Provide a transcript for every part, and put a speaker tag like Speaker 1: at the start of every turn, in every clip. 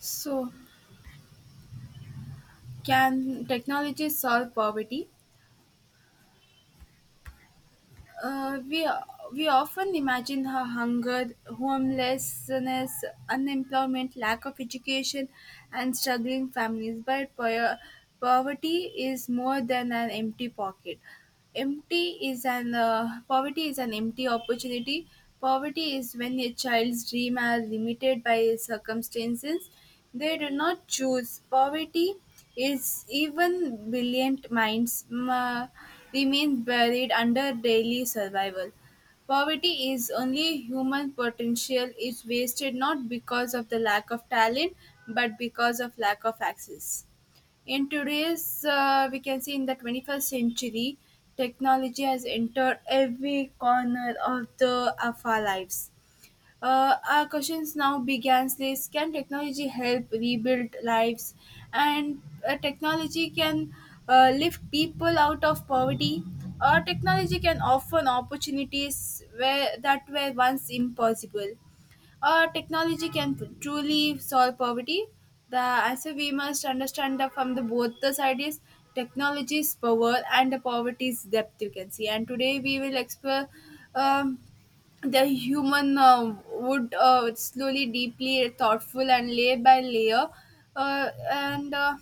Speaker 1: So, can technology solve poverty? Uh, we we often imagine how hunger, homelessness, unemployment, lack of education, and struggling families, but poverty is more than an empty pocket. Empty is an Poverty is an empty opportunity. Poverty is when a child's dream are limited by circumstances. They do not choose poverty. Is even brilliant minds ma remain buried under daily survival. Poverty is only human potential is wasted, not because of the lack of talent, but because of lack of access. In today's, we can see in the 21st century, technology has entered every corner of the of our lives. Our questions now begins this: can technology help rebuild lives? And technology can lift people out of poverty. Or technology can offer opportunities where that were once impossible. Technology can truly solve poverty. The answer, we must understand that from the both the side, is technology's power and the poverty's depth you can see. And today we will explore um, the human would, slowly, deeply, thoughtful, and layer by layer, and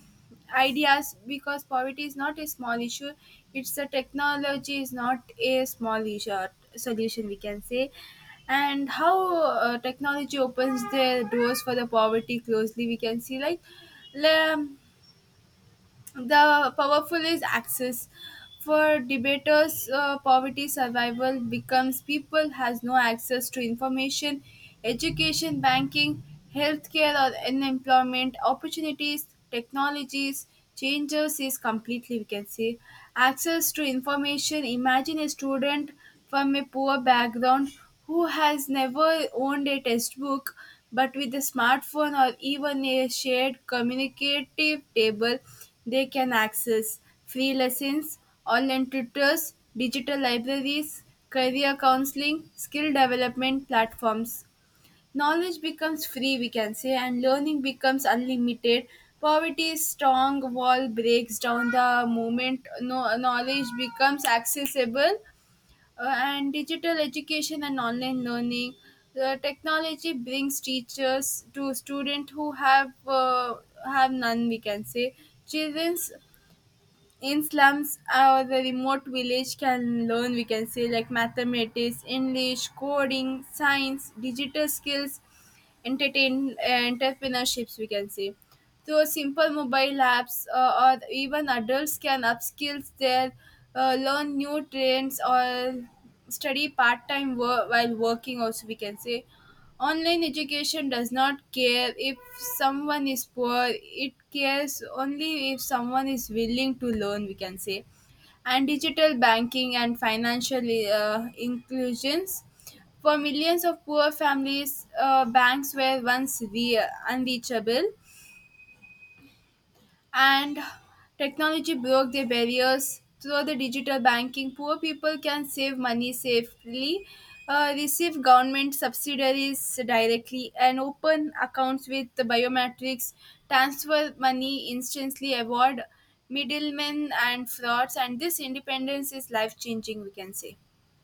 Speaker 1: ideas, because poverty is not a small issue. It's a technology is not a small issue or solution, we can say, and how technology opens the doors for the poverty closely we can see like. Um, the powerful is access. For debaters, poverty survival becomes people has no access to information, education, banking, healthcare, or unemployment opportunities, technologies. Changes is completely, we can say, access to information. Imagine a student from a poor background who has never owned a textbook, but with a smartphone or even a shared communicative table, they can access free lessons, online tutors, digital libraries, career counseling, skill development platforms. Knowledge becomes free, we can say, and learning becomes unlimited. Poverty's strong wall breaks down the moment, no, knowledge becomes accessible, and digital education and online learning. The technology brings teachers to students who have none, we can say. Children's in slums or the remote village can learn, we can say, like mathematics, english, coding, science, digital skills, entertain entrepreneurships, we can say, through simple mobile apps, or even adults can upskill their, learn new trends or study part-time work while working also, we can say. Online education does not care if someone is poor; it cares only if someone is willing to learn, we can say. And digital banking and financial inclusions. For millions of poor families, banks were once unreachable, and technology broke their barriers through the digital banking. Poor people can save money safely, receive government subsidies directly, and open accounts with the biometrics, transfer money instantly, avoid middlemen and frauds, and this independence is life changing, we can say.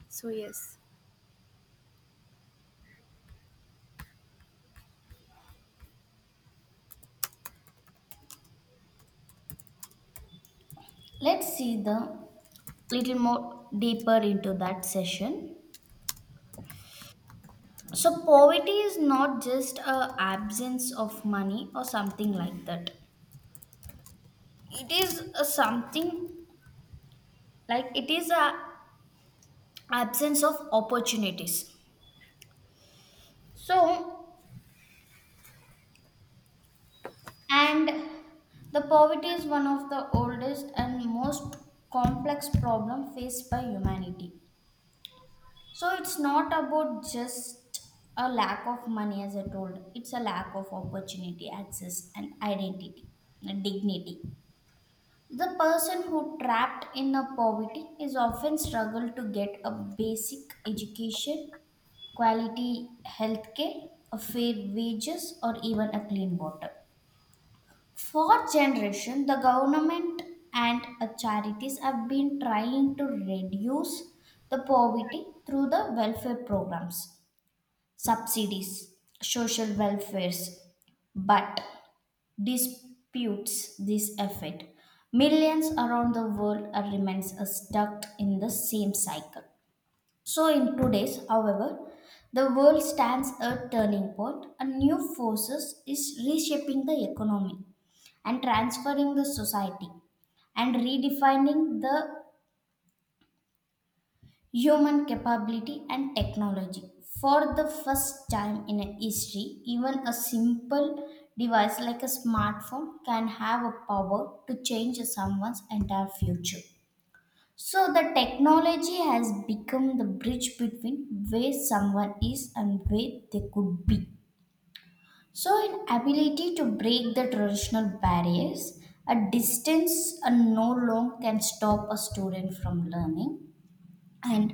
Speaker 1: So, yes.
Speaker 2: Let's see the little more deeper into that session. So poverty is not just a absence of money or something like that. It is a something like it is a absence of opportunities. So and the poverty is one of the oldest and most complex problem faced by humanity. So it's not about just a lack of money, as I told, it's a lack of opportunity, access, and identity, and dignity. The person who trapped in a poverty is often struggle to get a basic education, quality healthcare, a fair wages, or even a clean water. For generation, the government and charities have been trying to reduce the poverty through the welfare programs subsidies, social welfares, but disputes this effect. Millions around the world are remains stuck in the same cycle. So in today's, however, the world stands a turning point and new forces is reshaping the economy and transferring the society and redefining the human capability and technology. For the first time in history, even a simple device like a smartphone can have a power to change someone's entire future. So, the technology has become the bridge between where someone is and where they could be. So, in ability to break the traditional barriers, a distance and no long can stop a student from learning and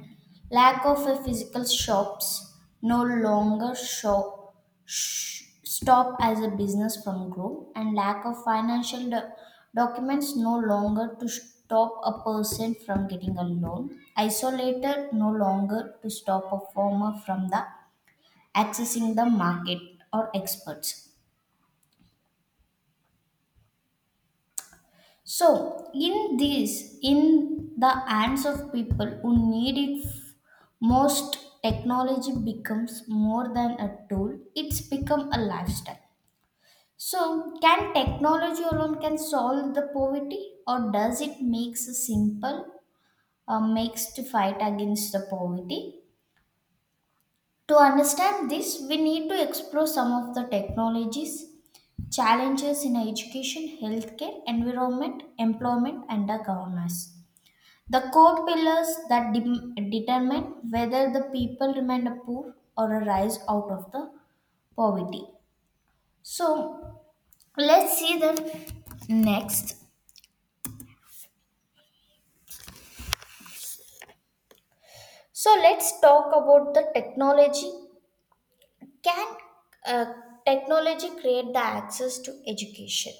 Speaker 2: lack of a physical shops no longer show stop as a business from grow and lack of financial documents no longer to stop a person from getting a loan isolator no longer to stop a farmer from the accessing the market or experts. So, in the hands of people who need it most, technology becomes more than a tool, it's become a lifestyle. So, can technology alone can solve the poverty or does it makes a simple makes to fight against the poverty? To understand this, we need to explore some of the technologies, challenges in education, healthcare, environment, employment and the governance. The core pillars that determine whether the people remain a poor or a rise out of the poverty. So let's see them next. So let's talk about the technology. Can uh, technology create the access to education?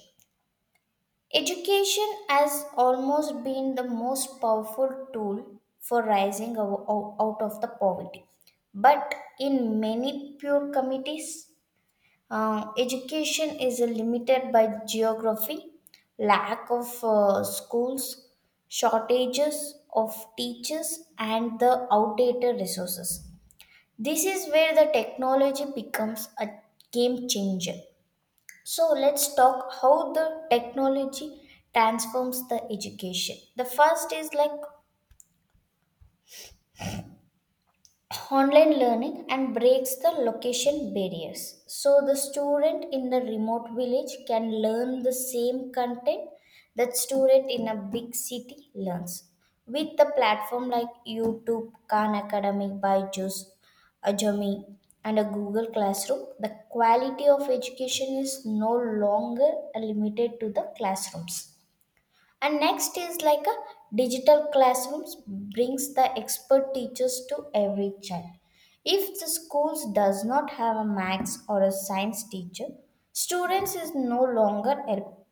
Speaker 2: Education has almost been the most powerful tool for rising out of the poverty. But in many poor communities, uh, education is limited by geography, lack of schools, shortages of teachers, and the outdated resources. This is where the technology becomes a game changer. So let's talk how the technology transforms the education. The first is like online learning and breaks the location barriers. So the student in the remote village can learn the same content that student in a big city learns. With the platform like YouTube, Khan Academy, Byju's, Ajami, and a Google Classroom, the quality of education is no longer limited to the classrooms. And next is like a digital classrooms brings the expert teachers to every child. If the schools does not have a maths or a science teacher, students is no longer help.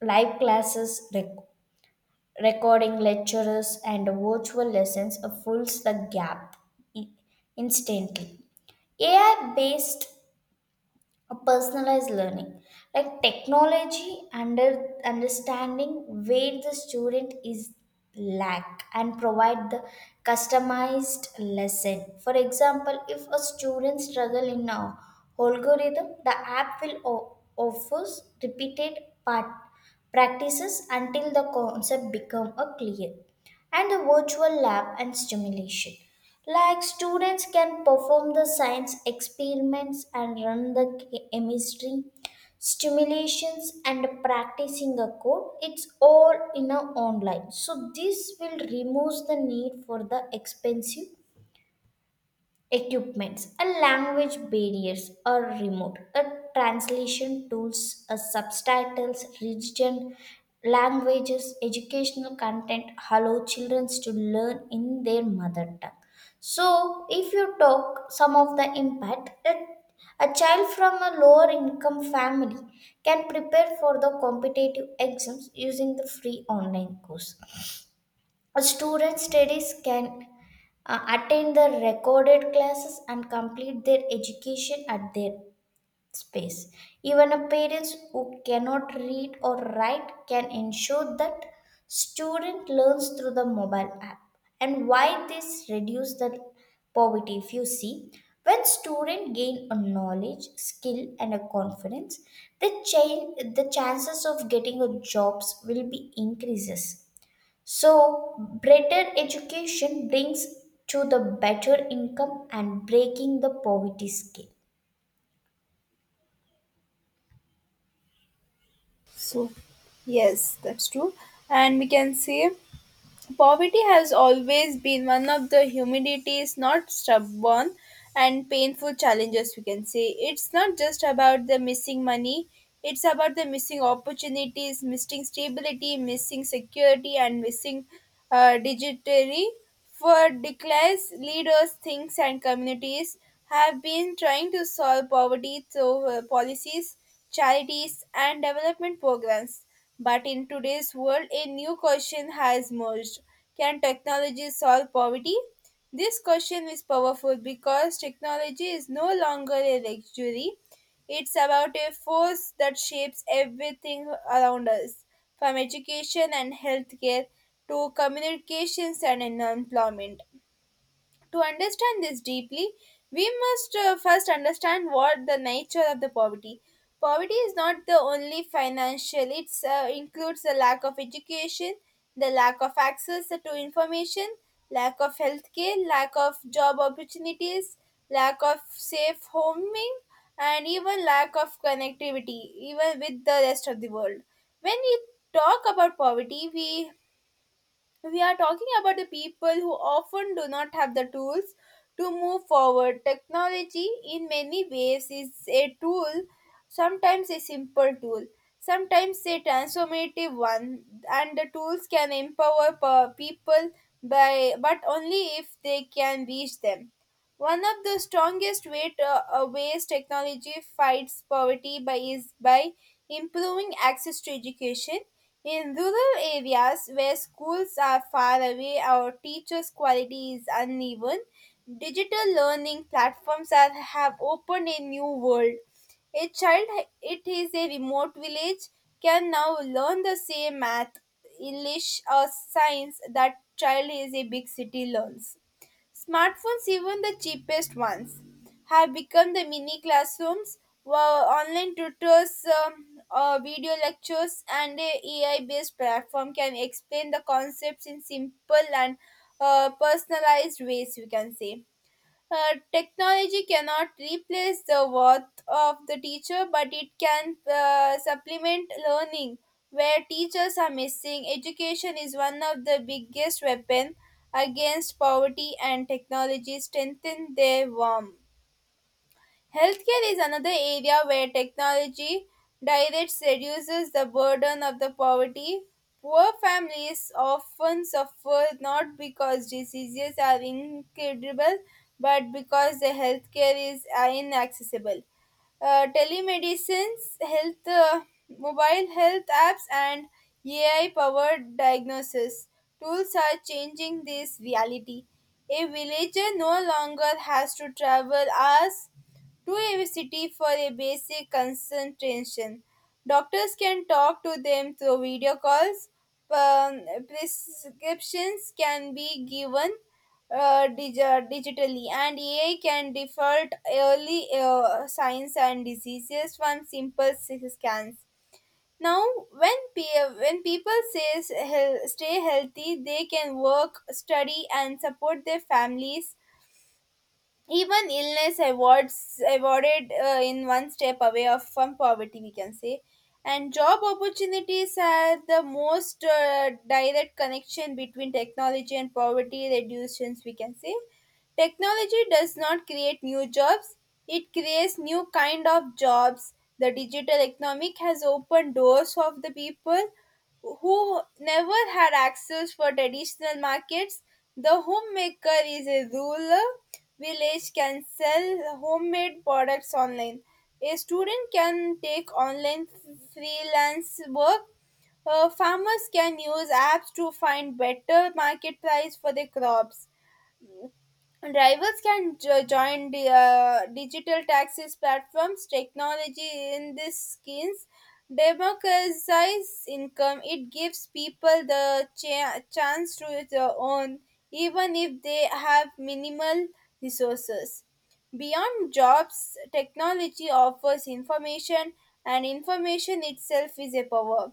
Speaker 2: Live classes, recording lecturers, and virtual lessons fills the gap i- instantly. AI based a personalized learning like technology understanding where the student is lack and provide the customized lesson. For example, if a student struggle in a algorithm, the app will offers repeated part practices until the concept become a clear and the virtual lab and stimulation. Like students can perform the science experiments and run the chemistry stimulations and practicing a code, it's all in a online. So this will remove the need for the expensive equipments, a language barriers or remote, a translation tools, a subtitles, region, languages, educational content allow children to learn in their mother tongue. So, if you talk some of the impact, a child from a lower income family can prepare for the competitive exams using the free online course. A student studies can attend the recorded classes and complete their education at their space. Even a parents who cannot read or write can ensure that student learns through the mobile app. And why this reduce the poverty? If you see, when student gain a knowledge, skill, and a confidence, the chances of getting a jobs will be increases. So, better education brings to the better income and breaking the poverty scale.
Speaker 1: So, yes, that's true. And we can say, poverty has always been one of the humanity's not stubborn and painful challenges, we can say. It's not just about the missing money, it's about the missing opportunities, missing stability, missing security, and missing digitally. For decades, leaders, things, and communities have been trying to solve poverty through policies, charities, and development programs. But in today's world, a new question has emerged: can technology solve poverty? This question is powerful because technology is no longer a luxury. It's about a force that shapes everything around us, from education and healthcare to communications and employment. To understand this deeply, we must first understand what the nature of the poverty. Poverty is not the only financial; it includes the lack of education, the lack of access to information, lack of healthcare, lack of job opportunities, lack of safe homing, and even lack of connectivity, even with the rest of the world. When we talk about poverty, we are talking about the people who often do not have the tools to move forward. Technology, in many ways, is a tool, sometimes a simple tool, sometimes a transformative one, and the tools can empower people by, but only if they can reach them. One of the strongest ways technology fights poverty by is by improving access to education. In rural areas where schools are far away, or teachers' quality is uneven. Digital learning platforms are, have opened a new world. A child it is a remote village can now learn the same math, English or science that child is a big city learns. Smartphones, even the cheapest ones, have become the mini classrooms, where online tutors, um, video lectures, and a AI-based platform can explain the concepts in simple and personalized ways, we can say. Technology cannot replace the worth of the teacher, but it can supplement learning where teachers are missing. Education is one of the biggest weapons against poverty, and technology strengthen their warmth. Healthcare is another area where technology directs reduces the burden of the poverty. Poor families often suffer not because diseases are incurable, but because the healthcare is inaccessible. Telemedicines, health, mobile health apps, and AI-powered diagnosis tools are changing this reality. A villager no longer has to travel hours to a city for a basic consultation. Doctors can talk to them through video calls. Um, prescriptions can be given digitally, and AI can default early signs and diseases from simple scans. Now, when people says stay healthy, they can work, study, and support their families, even illness awards awarded in one step away from poverty, we can say. And job opportunities are the most direct connection between technology and poverty reductions, we can say. Technology does not create new jobs; it creates new kind of jobs. The digital economic has opened doors of the people who never had access for traditional markets. The homemaker is a rural village can sell homemade products online. A student can take online freelance work. Farmers can use apps to find better market price for their crops. Drivers can join the, digital taxis platforms. Technology in these schemes democratizes income. It gives people the chance to their own, even if they have minimal resources. Beyond jobs, technology offers information, and information itself is a power.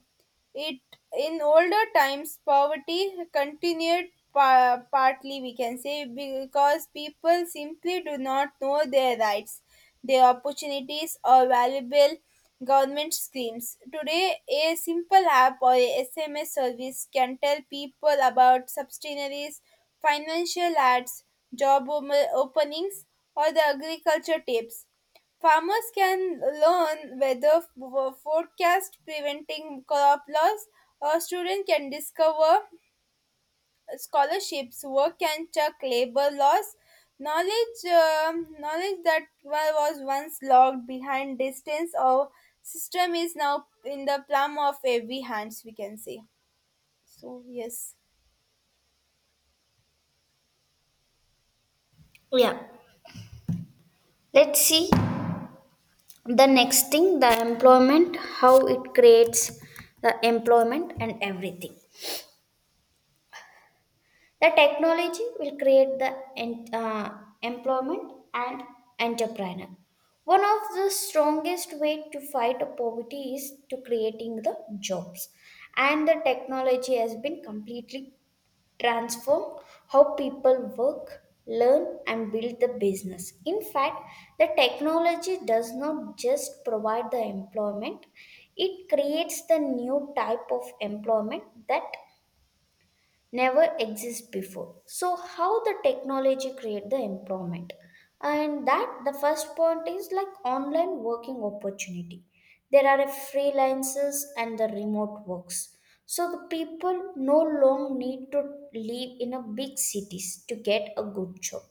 Speaker 1: It in older times poverty continued partly, we can say, because people simply do not know their rights, their opportunities or valuable government schemes. Today a simple app or a SMS service can tell people about subsidiaries, financial ads, job openings or the agriculture tips. Farmers can learn weather forecast preventing crop loss, or students can discover scholarships, work can check labor laws. Knowledge that was once locked behind distance or system is now in the palm of every hands, we can say. So, yes.
Speaker 2: Yeah. Let's see the next thing the employment, how it creates the employment and everything. The technology will create the employment and entrepreneur. One of the strongest way to fight a poverty is to creating the jobs and the technology has been completely transform how people work, learn, and build the business. In fact, the technology does not just provide the employment, it creates the new type of employment that never exist before. So how the technology create the employment, and that the first point is like online working opportunity. There are a freelancers and the remote works. So the people no long need to live in a big cities to get a good job.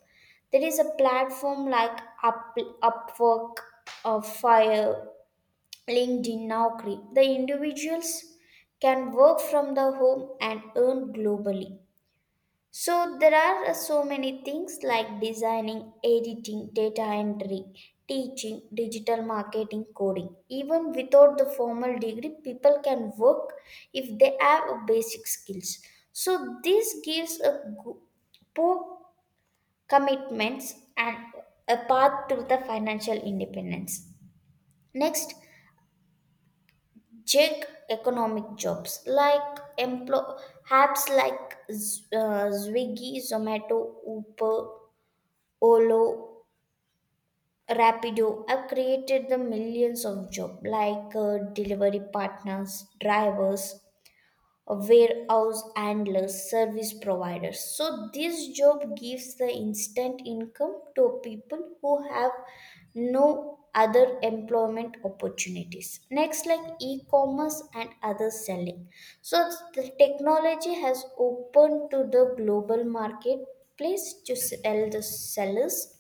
Speaker 2: There is a platform like upwork, fire, linkedin, naukri. The individuals can work from the home and earn globally. So there are so many things like designing, editing, data entry, teaching, digital marketing, coding. Even without the formal degree, people can work if they have a basic skills. So this gives a poor commitments and a path to the financial independence. Next, check economic jobs like emplo apps like Swiggy, Zomato, Uber, Olo, Rapido have created the millions of jobs like delivery partners, drivers, warehouse handlers, service providers. So this job gives the instant income to people who have no other employment opportunities. Next, like e-commerce and other selling. So the technology has opened to the global marketplace to sell the sellers.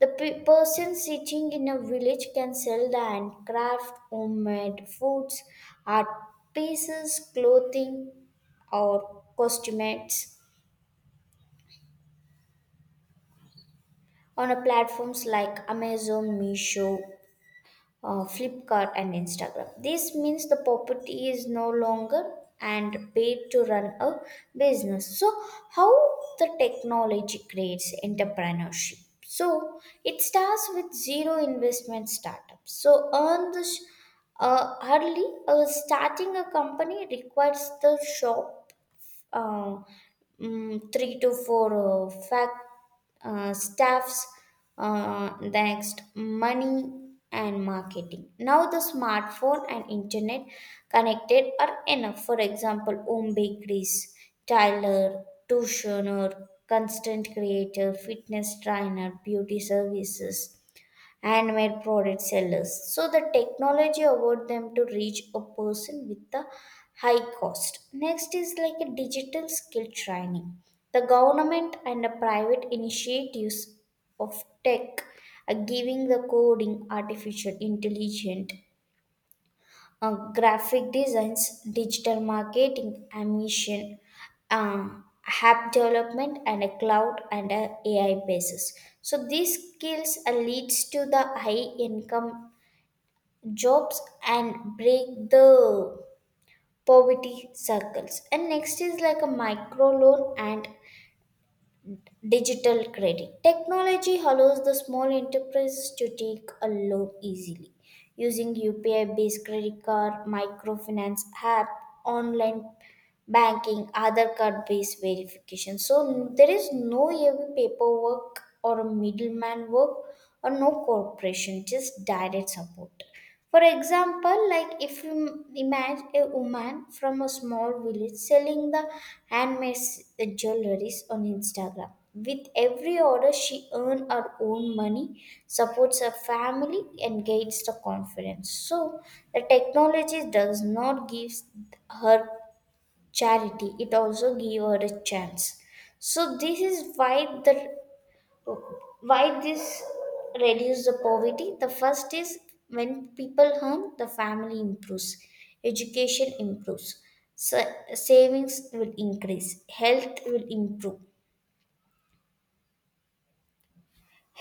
Speaker 2: The person sitting in a village can sell the handcraft, homemade foods, art pieces, clothing, or costumes on a platforms like Amazon, Meesho, Flipkart and Instagram. This means the property is no longer and paid to run a business. So, how the technology creates entrepreneurship? So, it starts with zero investment startups. So, earn the sh- early starting a company requires the shop, uh, 3 to 4 fac staffs. Next, money and marketing. Now, the smartphone and internet connected are enough. For example, home bakeries, tailor, tuitioner, constant creator, fitness trainer, beauty services and made product sellers. So the technology allowed them to reach a person with a high cost. Next is like a digital skill training. The government and the private initiatives of tech are giving the coding, artificial intelligence, graphic designs, digital marketing, ambition, uh, app development, and a cloud and a AI basis. So these skills leads to the high income jobs and break the poverty circles. And next is like a micro loan and digital credit. Technology allows the small enterprises to take a loan easily. Using UPI based credit card, microfinance app, online banking, other card based verification. So there is no heavy paperwork or a middleman work or no corporation, just direct support. For example, like if you imagine a woman from a small village selling the jewelries on Instagram. With every order, she earns her own money, supports her family, and gains the confidence. So, the technology does not give her charity; it also gives her a chance. So, this is why the why this reduce the poverty. The first is, when people earn, the family improves, education improves, savings will increase, health will improve,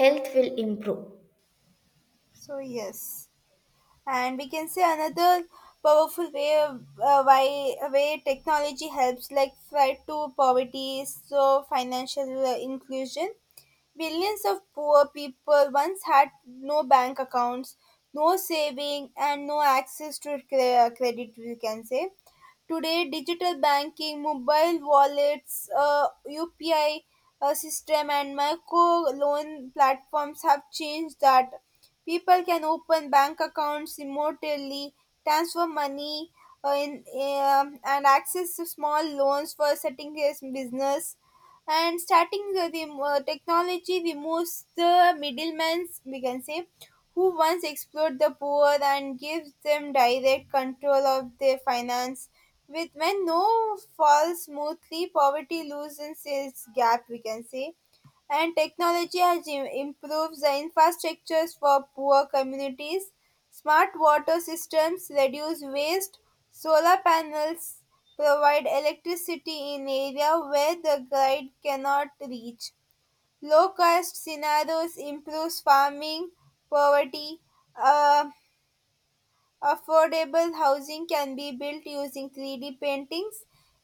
Speaker 2: health will improve
Speaker 1: So, yes, and we can say another powerful way technology helps like fight to poverty. So financial inclusion, billions of poor people once had no bank accounts, no saving, and no access to credit, we can say. Today digital banking, mobile wallets, upi system, and micro loan platforms have changed that. People can open bank accounts remotely, transfer money, and access to small loans for setting a business. And starting the technology removes the middlemen, we can say, who once exploited the poor and gives them direct control of their finance. With when no falls smoothly, poverty loosens its gap, we can say, and technology has improved the infrastructures for poor communities. Smart water systems reduce waste. Solar panels provide electricity in area where the grid cannot reach. Low cost scenarios improves farming, poverty, uh, affordable housing can be built using 3D paintings,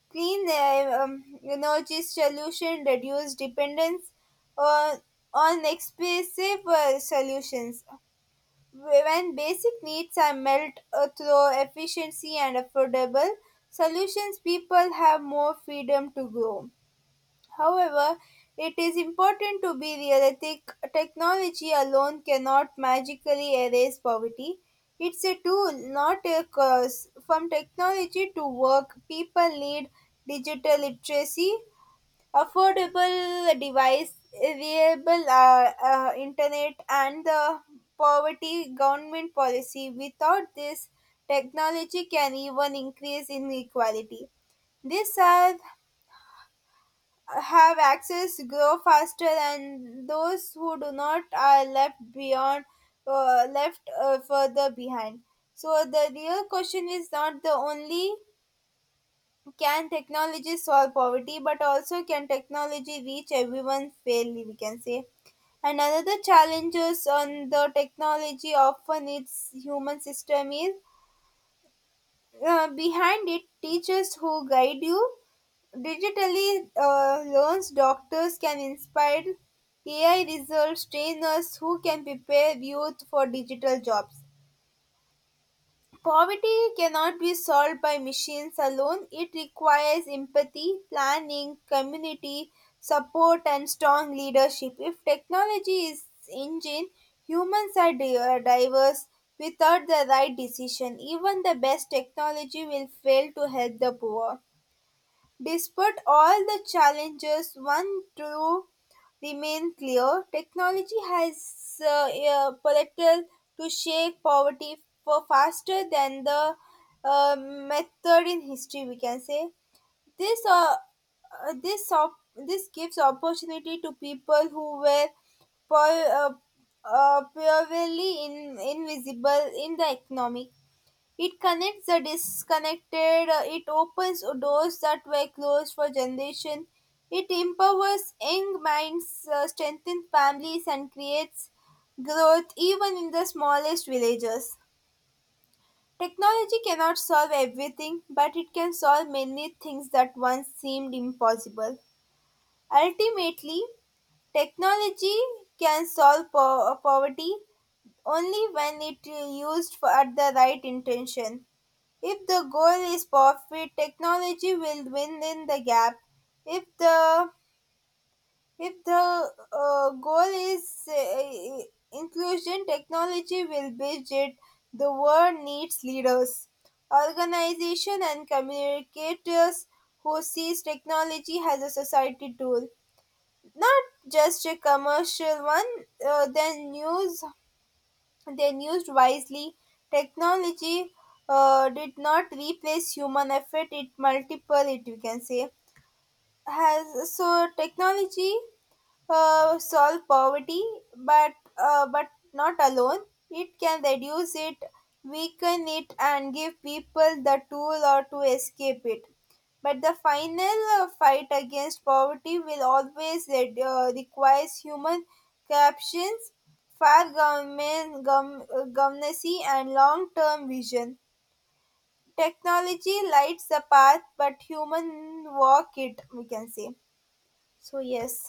Speaker 1: clean energy solution, reduce dependence on, on expensive solutions. When basic needs are met through efficiency and affordable solutions, people have more freedom to grow. However, it is important to be realistic. Technology alone cannot magically erase poverty. It's a tool, not a curse. From technology to work, people need digital literacy, affordable device, reliable internet, and the poverty government policy. Without this, technology can even increase inequality. These are have access grow faster, and those who do not are left further behind. So the real question is not the only can technology solve poverty, but also can technology reach everyone fairly, we can say. And another challenges on the technology often its human system is behind it. Teachers who guide you digitally, learns, doctors can inspire, AI results trainers who can prepare youth for digital jobs. Poverty cannot be solved by machines alone. It requires empathy, planning, community support, and strong leadership. If technology is engine, humans are diverse. Without the right decision, even the best technology will fail to help the poor. Despite all the challenges, one truth remains clear: technology has a potential to shake poverty for faster than the method in history. We can say this. Uh, this. This gives opportunity to people who were po- uh, purely invisible in the economic. It connects the disconnected, it opens doors that were closed for generations, it empowers young minds, strengthens families, and creates growth even in the smallest villages. Technology cannot solve everything, but it can solve many things that once seemed impossible. Ultimately, technology can solve poverty only when it is used for, at the right intention. If the goal is profit, technology will win in the gap. If the if the goal is inclusion, technology will bridge it. The world needs leaders, organization, and communicators who sees technology as a society tool, not just a commercial one. Then use then used wisely, technology did not replace human effort; it multiple it. We can say has so technology solve poverty, but not alone. It can reduce it, weaken it, and give people the tool or to escape it. But the final fight against poverty will always requires human captions, fair government governance, and long-term vision. Technology lights the path, but human walk it. We can say so. Yes,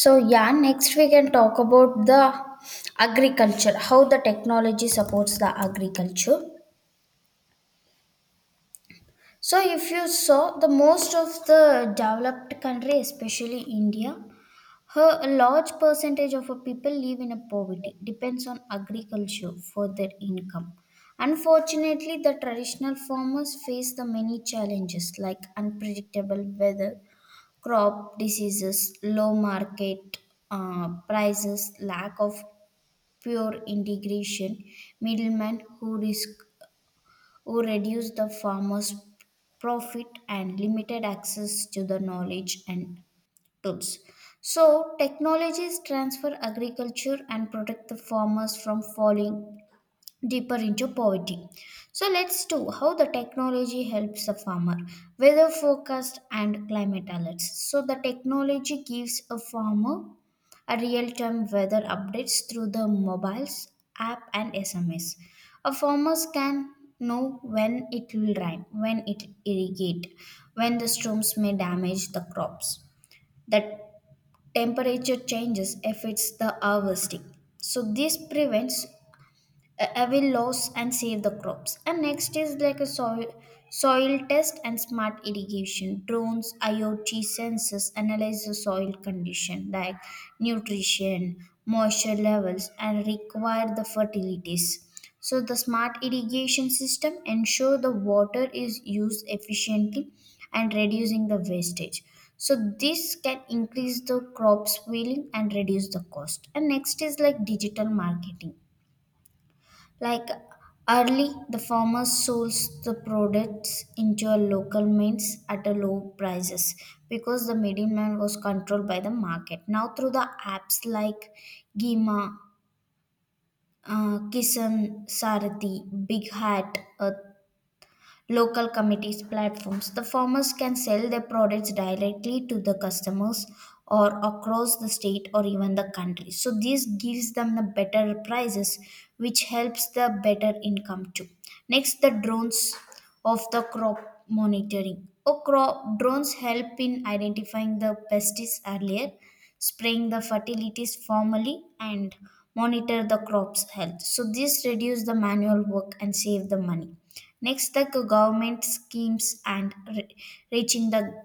Speaker 2: so yeah. Next we can talk about the agriculture, how the technology supports the agriculture. So if you saw the most of the developed country, especially india, her, a large percentage of her people live in a poverty, depends on agriculture for their income. Unfortunately, the traditional farmers face the many challenges like unpredictable weather, crop diseases, low market prices, lack of pure integration, middlemen who risk who reduce the farmers' profit and limited access to the knowledge and tools. So, technologies transfer agriculture and protect the farmers from falling deeper into poverty. So, let's do how the technology helps the farmer. Weather forecast and climate alerts. So, the technology gives a farmer a real-time weather updates through the mobiles app and SMS. A farmers can know when it will rain, when it irrigate, when the storms may damage the crops. The temperature changes affects the harvesting, so this prevents away loss and save the crops. And next is like a soil test and smart irrigation. Drones, IoT sensors analyze the soil condition like nutrition, moisture levels, and require the fertilities. So the smart irrigation system ensure the water is used efficiently and reducing the wastage. So this can increase the crops yielding and reduce the cost. And next is like digital marketing like Early, the farmer sells the products into a local means at a low prices because the middleman was controlled by the market. Now through the apps like Gima, Kisan, Sarathi, Big Hat, local committees platforms. The farmers can sell their products directly to the customers or across the state or even the country. So this gives them the better prices, which helps the better income too. Next, the drones of the crop monitoring. Oh, crop drones help in identifying the pests earlier, spraying the fertilities formally, and monitor the crop's health. So this reduce the manual work and save the money. Next, the government schemes and reaching the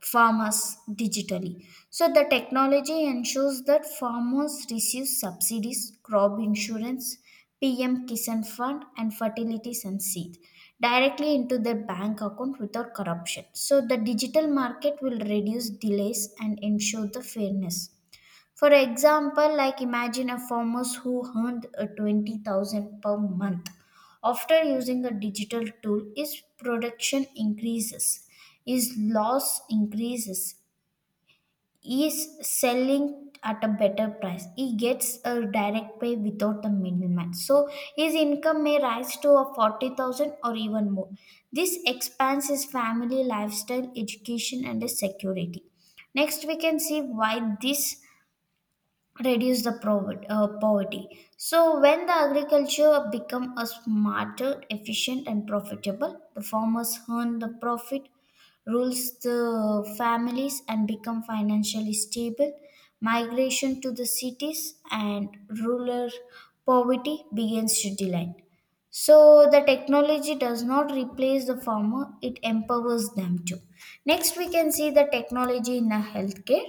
Speaker 2: farmers digitally. So, the technology ensures that farmers receive subsidies, crop insurance, PM Kisan Fund, and fertilities and seed directly into their bank account without corruption. So, the digital market will reduce delays and ensure the fairness. For example, like imagine a farmer who earned a 20,000 per month. After using a digital tool, his production increases, his loss increases, he is selling at a better price. He gets a direct pay without the middleman. So his income may rise to a 40,000 or even more. This expands his family lifestyle, education and his security. Next, we can see why this reduce the poverty. So when the agriculture become a smarter, efficient and profitable, the farmers earn the profit, rules the families and become financially stable. Migration to the cities and rural poverty begins to decline. So the technology does not replace the farmer, it empowers them too. Next we can see the technology in the healthcare.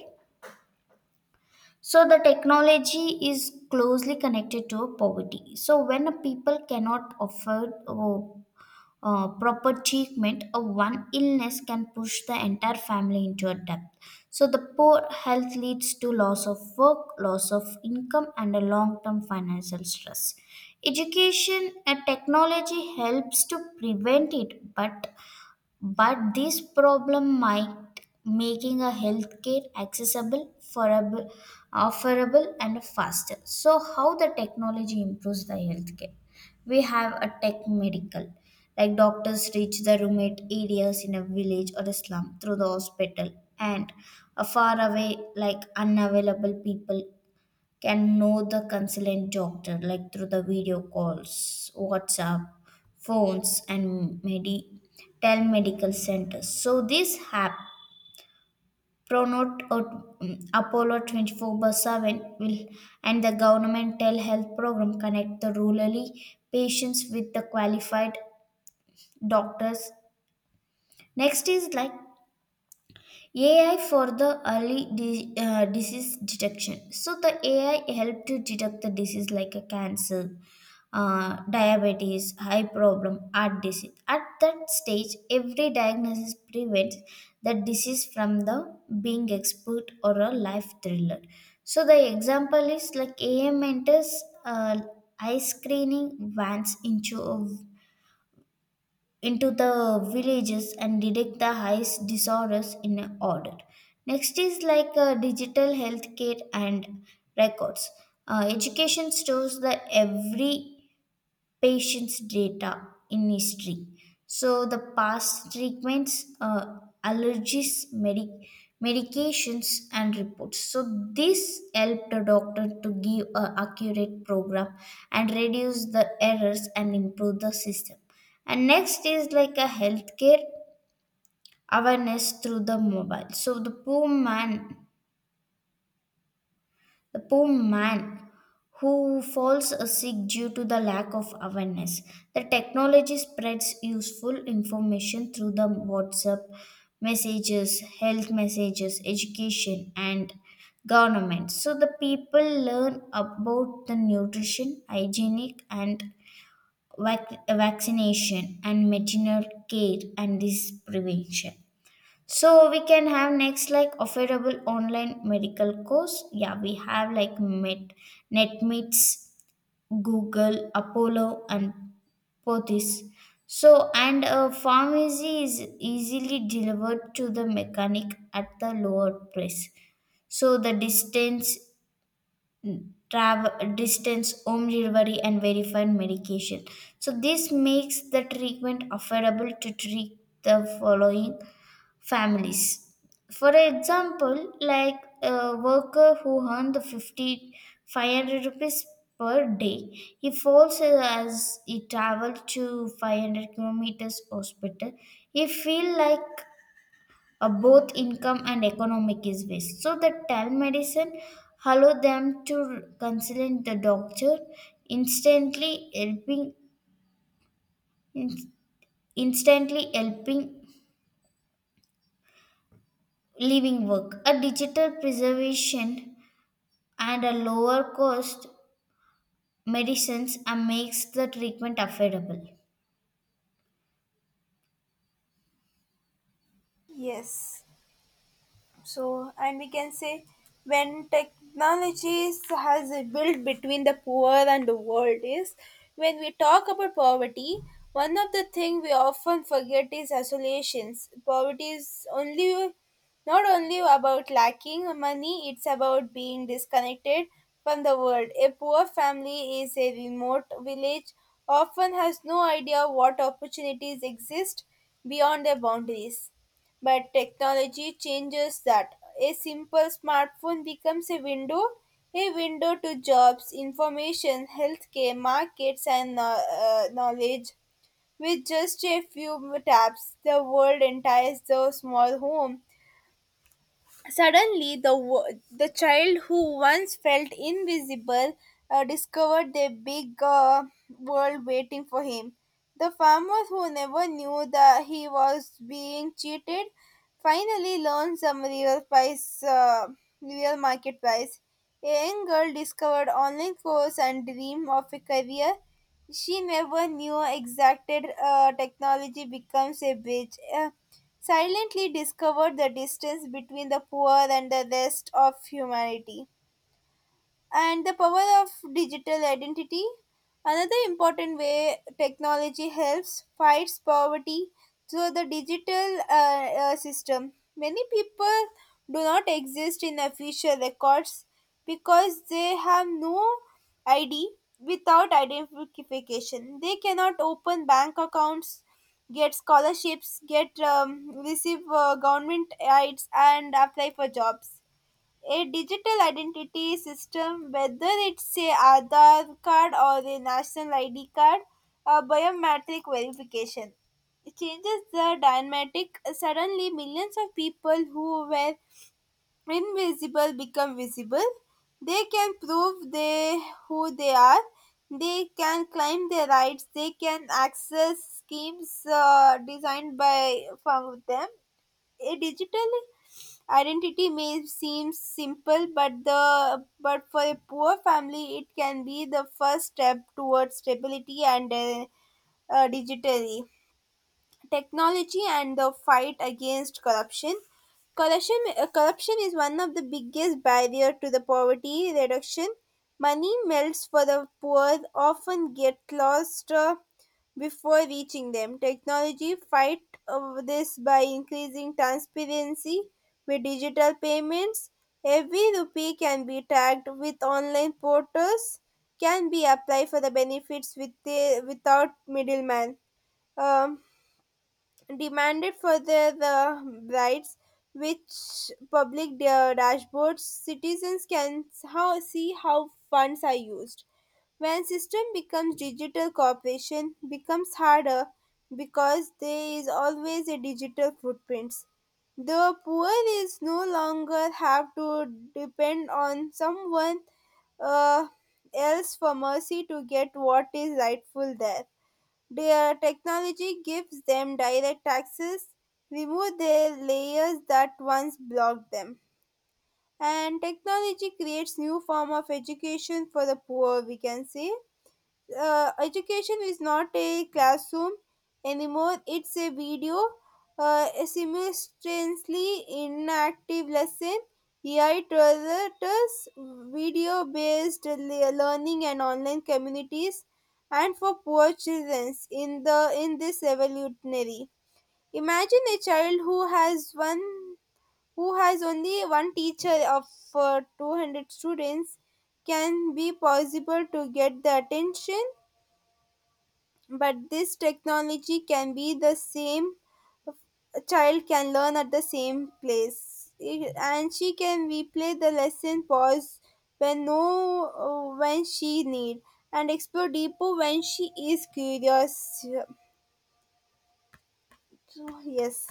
Speaker 2: So the technology is closely connected to poverty. So when a people cannot afford proper treatment, a one illness can push the entire family into a debt. So the poor health leads to loss of work, loss of income, and a long-term financial stress. Education and technology helps to prevent it, but this problem might making a healthcare accessible, affordable and faster. So how the technology improves the healthcare? We have a tech medical, like doctors reach the remote areas in a village or a slum through the hospital and a far away like unavailable people can know the consultant doctor like through the video calls, whatsapp phones, and telemedical centers. So this app Pronot or Apollo 24 by 7 will and the government telehealth program connect the rurally patients with the qualified doctors. Next is like AI for the early disease detection. So the AI help to detect the disease like a cancer, diabetes, high problem, heart disease. At that stage, every diagnosis prevents the disease from the being expert or a life thriller. So the example is like AM enters uh, eye screening vans into a into the villages and detect the highest disorders in order. Next is like digital healthcare and records. Education stores the every patient's data in history. So the past treatments, allergies, medications, and reports. So this helped the doctor to give a accurate program and reduce the errors and improve the system. And next is like a healthcare awareness through the mobile. So the poor man who falls sick due to the lack of awareness. The technology spreads useful information through the WhatsApp messages, health messages, education, and government. So the people learn about the nutrition, hygienic, and vaccination, and maternal care and disease prevention. So we can have next like affordable online medical course. Yeah, we have like Met, NetMeets, Google, Apollo, and Pothis. So and pharmacy is easily delivered to the mechanic at the lower price. So the distance travel distance, home delivery, and verified medication. So this makes the treatment affordable to treat the following families. For example, like a worker who earned the 50, 500 rupees per day, he falls ill as he travels to 500 kilometers hospital. He feel like both income and economic is waste. So the telemedicine allow them to consult the doctor instantly helping in- instantly helping living work. A digital preservation and a lower cost medicines and makes the treatment affordable.
Speaker 1: yes. So, and we can say when technologies has built between the poor and the world is when we talk about poverty, one of the thing we often forget is isolations. Poverty is only not only about lacking money, it's about being disconnected from the world. A poor family is a remote village, often has no idea what opportunities exist beyond their boundaries. But technology changes that. A simple smartphone becomes a window to jobs, information, healthcare, markets, and knowledge. With just a few taps, the world enters the small home. Suddenly, the the child who once felt invisible discovered the big world waiting for him. The farmer who never knew that he was being cheated finally learned some real price, real market price. A young girl discovered online course and dream of a career she never knew exacted technology becomes a bridge. Silently discovered the distance between the poor and the rest of humanity and the power of digital identity. Another important way technology helps fights poverty through the digital system, many people do not exist in official records because they have no id. Without identification, they cannot open bank accounts, get scholarships, get receive government aids, and apply for jobs. A digital identity system, whether it's a Aadhaar card or a national ID card, a biometric verification. It changes the dynamic. Suddenly, millions of people who were invisible become visible. They can prove they who they are. They can claim their rights. They can access schemes designed by from them. A digital identity may seem simple, but for a poor family, it can be the first step towards stability and digitally. Technology and the fight against corruption. Corruption is one of the biggest barrier to the poverty reduction. Money melts for the poor often get lost before reaching them. Technology fight this by increasing transparency with digital payments. Every rupee can be tagged with online portals, can be applied for the benefits with the, without middleman. Um, demanded further the rights which public dashboards citizens can how, see how funds are used. When system becomes digital, cooperation becomes harder because there is always a digital footprints. The poor is no longer have to depend on someone uh, else for mercy to get what is rightful there. Their technology gives them direct access, remove the layers that once blocked them. And technology creates new form of education for the poor, we can say education is not a classroom anymore. It's a video, a simultaneously inactive lesson. AI tutors, video based learning and online communities and for poor children in the in this revolutionary. Imagine a child who has one who has only one teacher of 200 students. Can be possible to get the attention, but this technology can be the same child can learn at the same place and she can replay the lesson pause when no when she need, and explore deeper when she is curious. So, yes,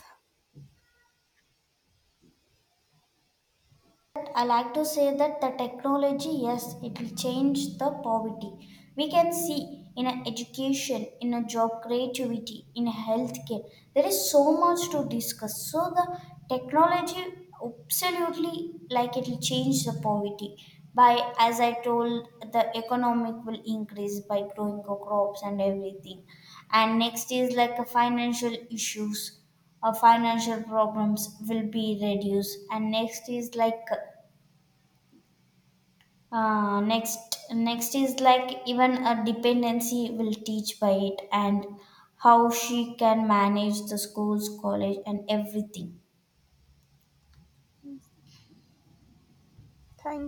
Speaker 2: I like to say that the technology, yes, it will change the poverty. We can see in a education, in a job creativity, in a healthcare, there is so much to discuss. So the technology absolutely like it will change the poverty by as I told the economic will increase by growing the crops and everything. And next is like a financial issues or financial problems will be reduced and next is like next next is like even a dependency will teach by it and how she can manage the schools college and everything
Speaker 1: thank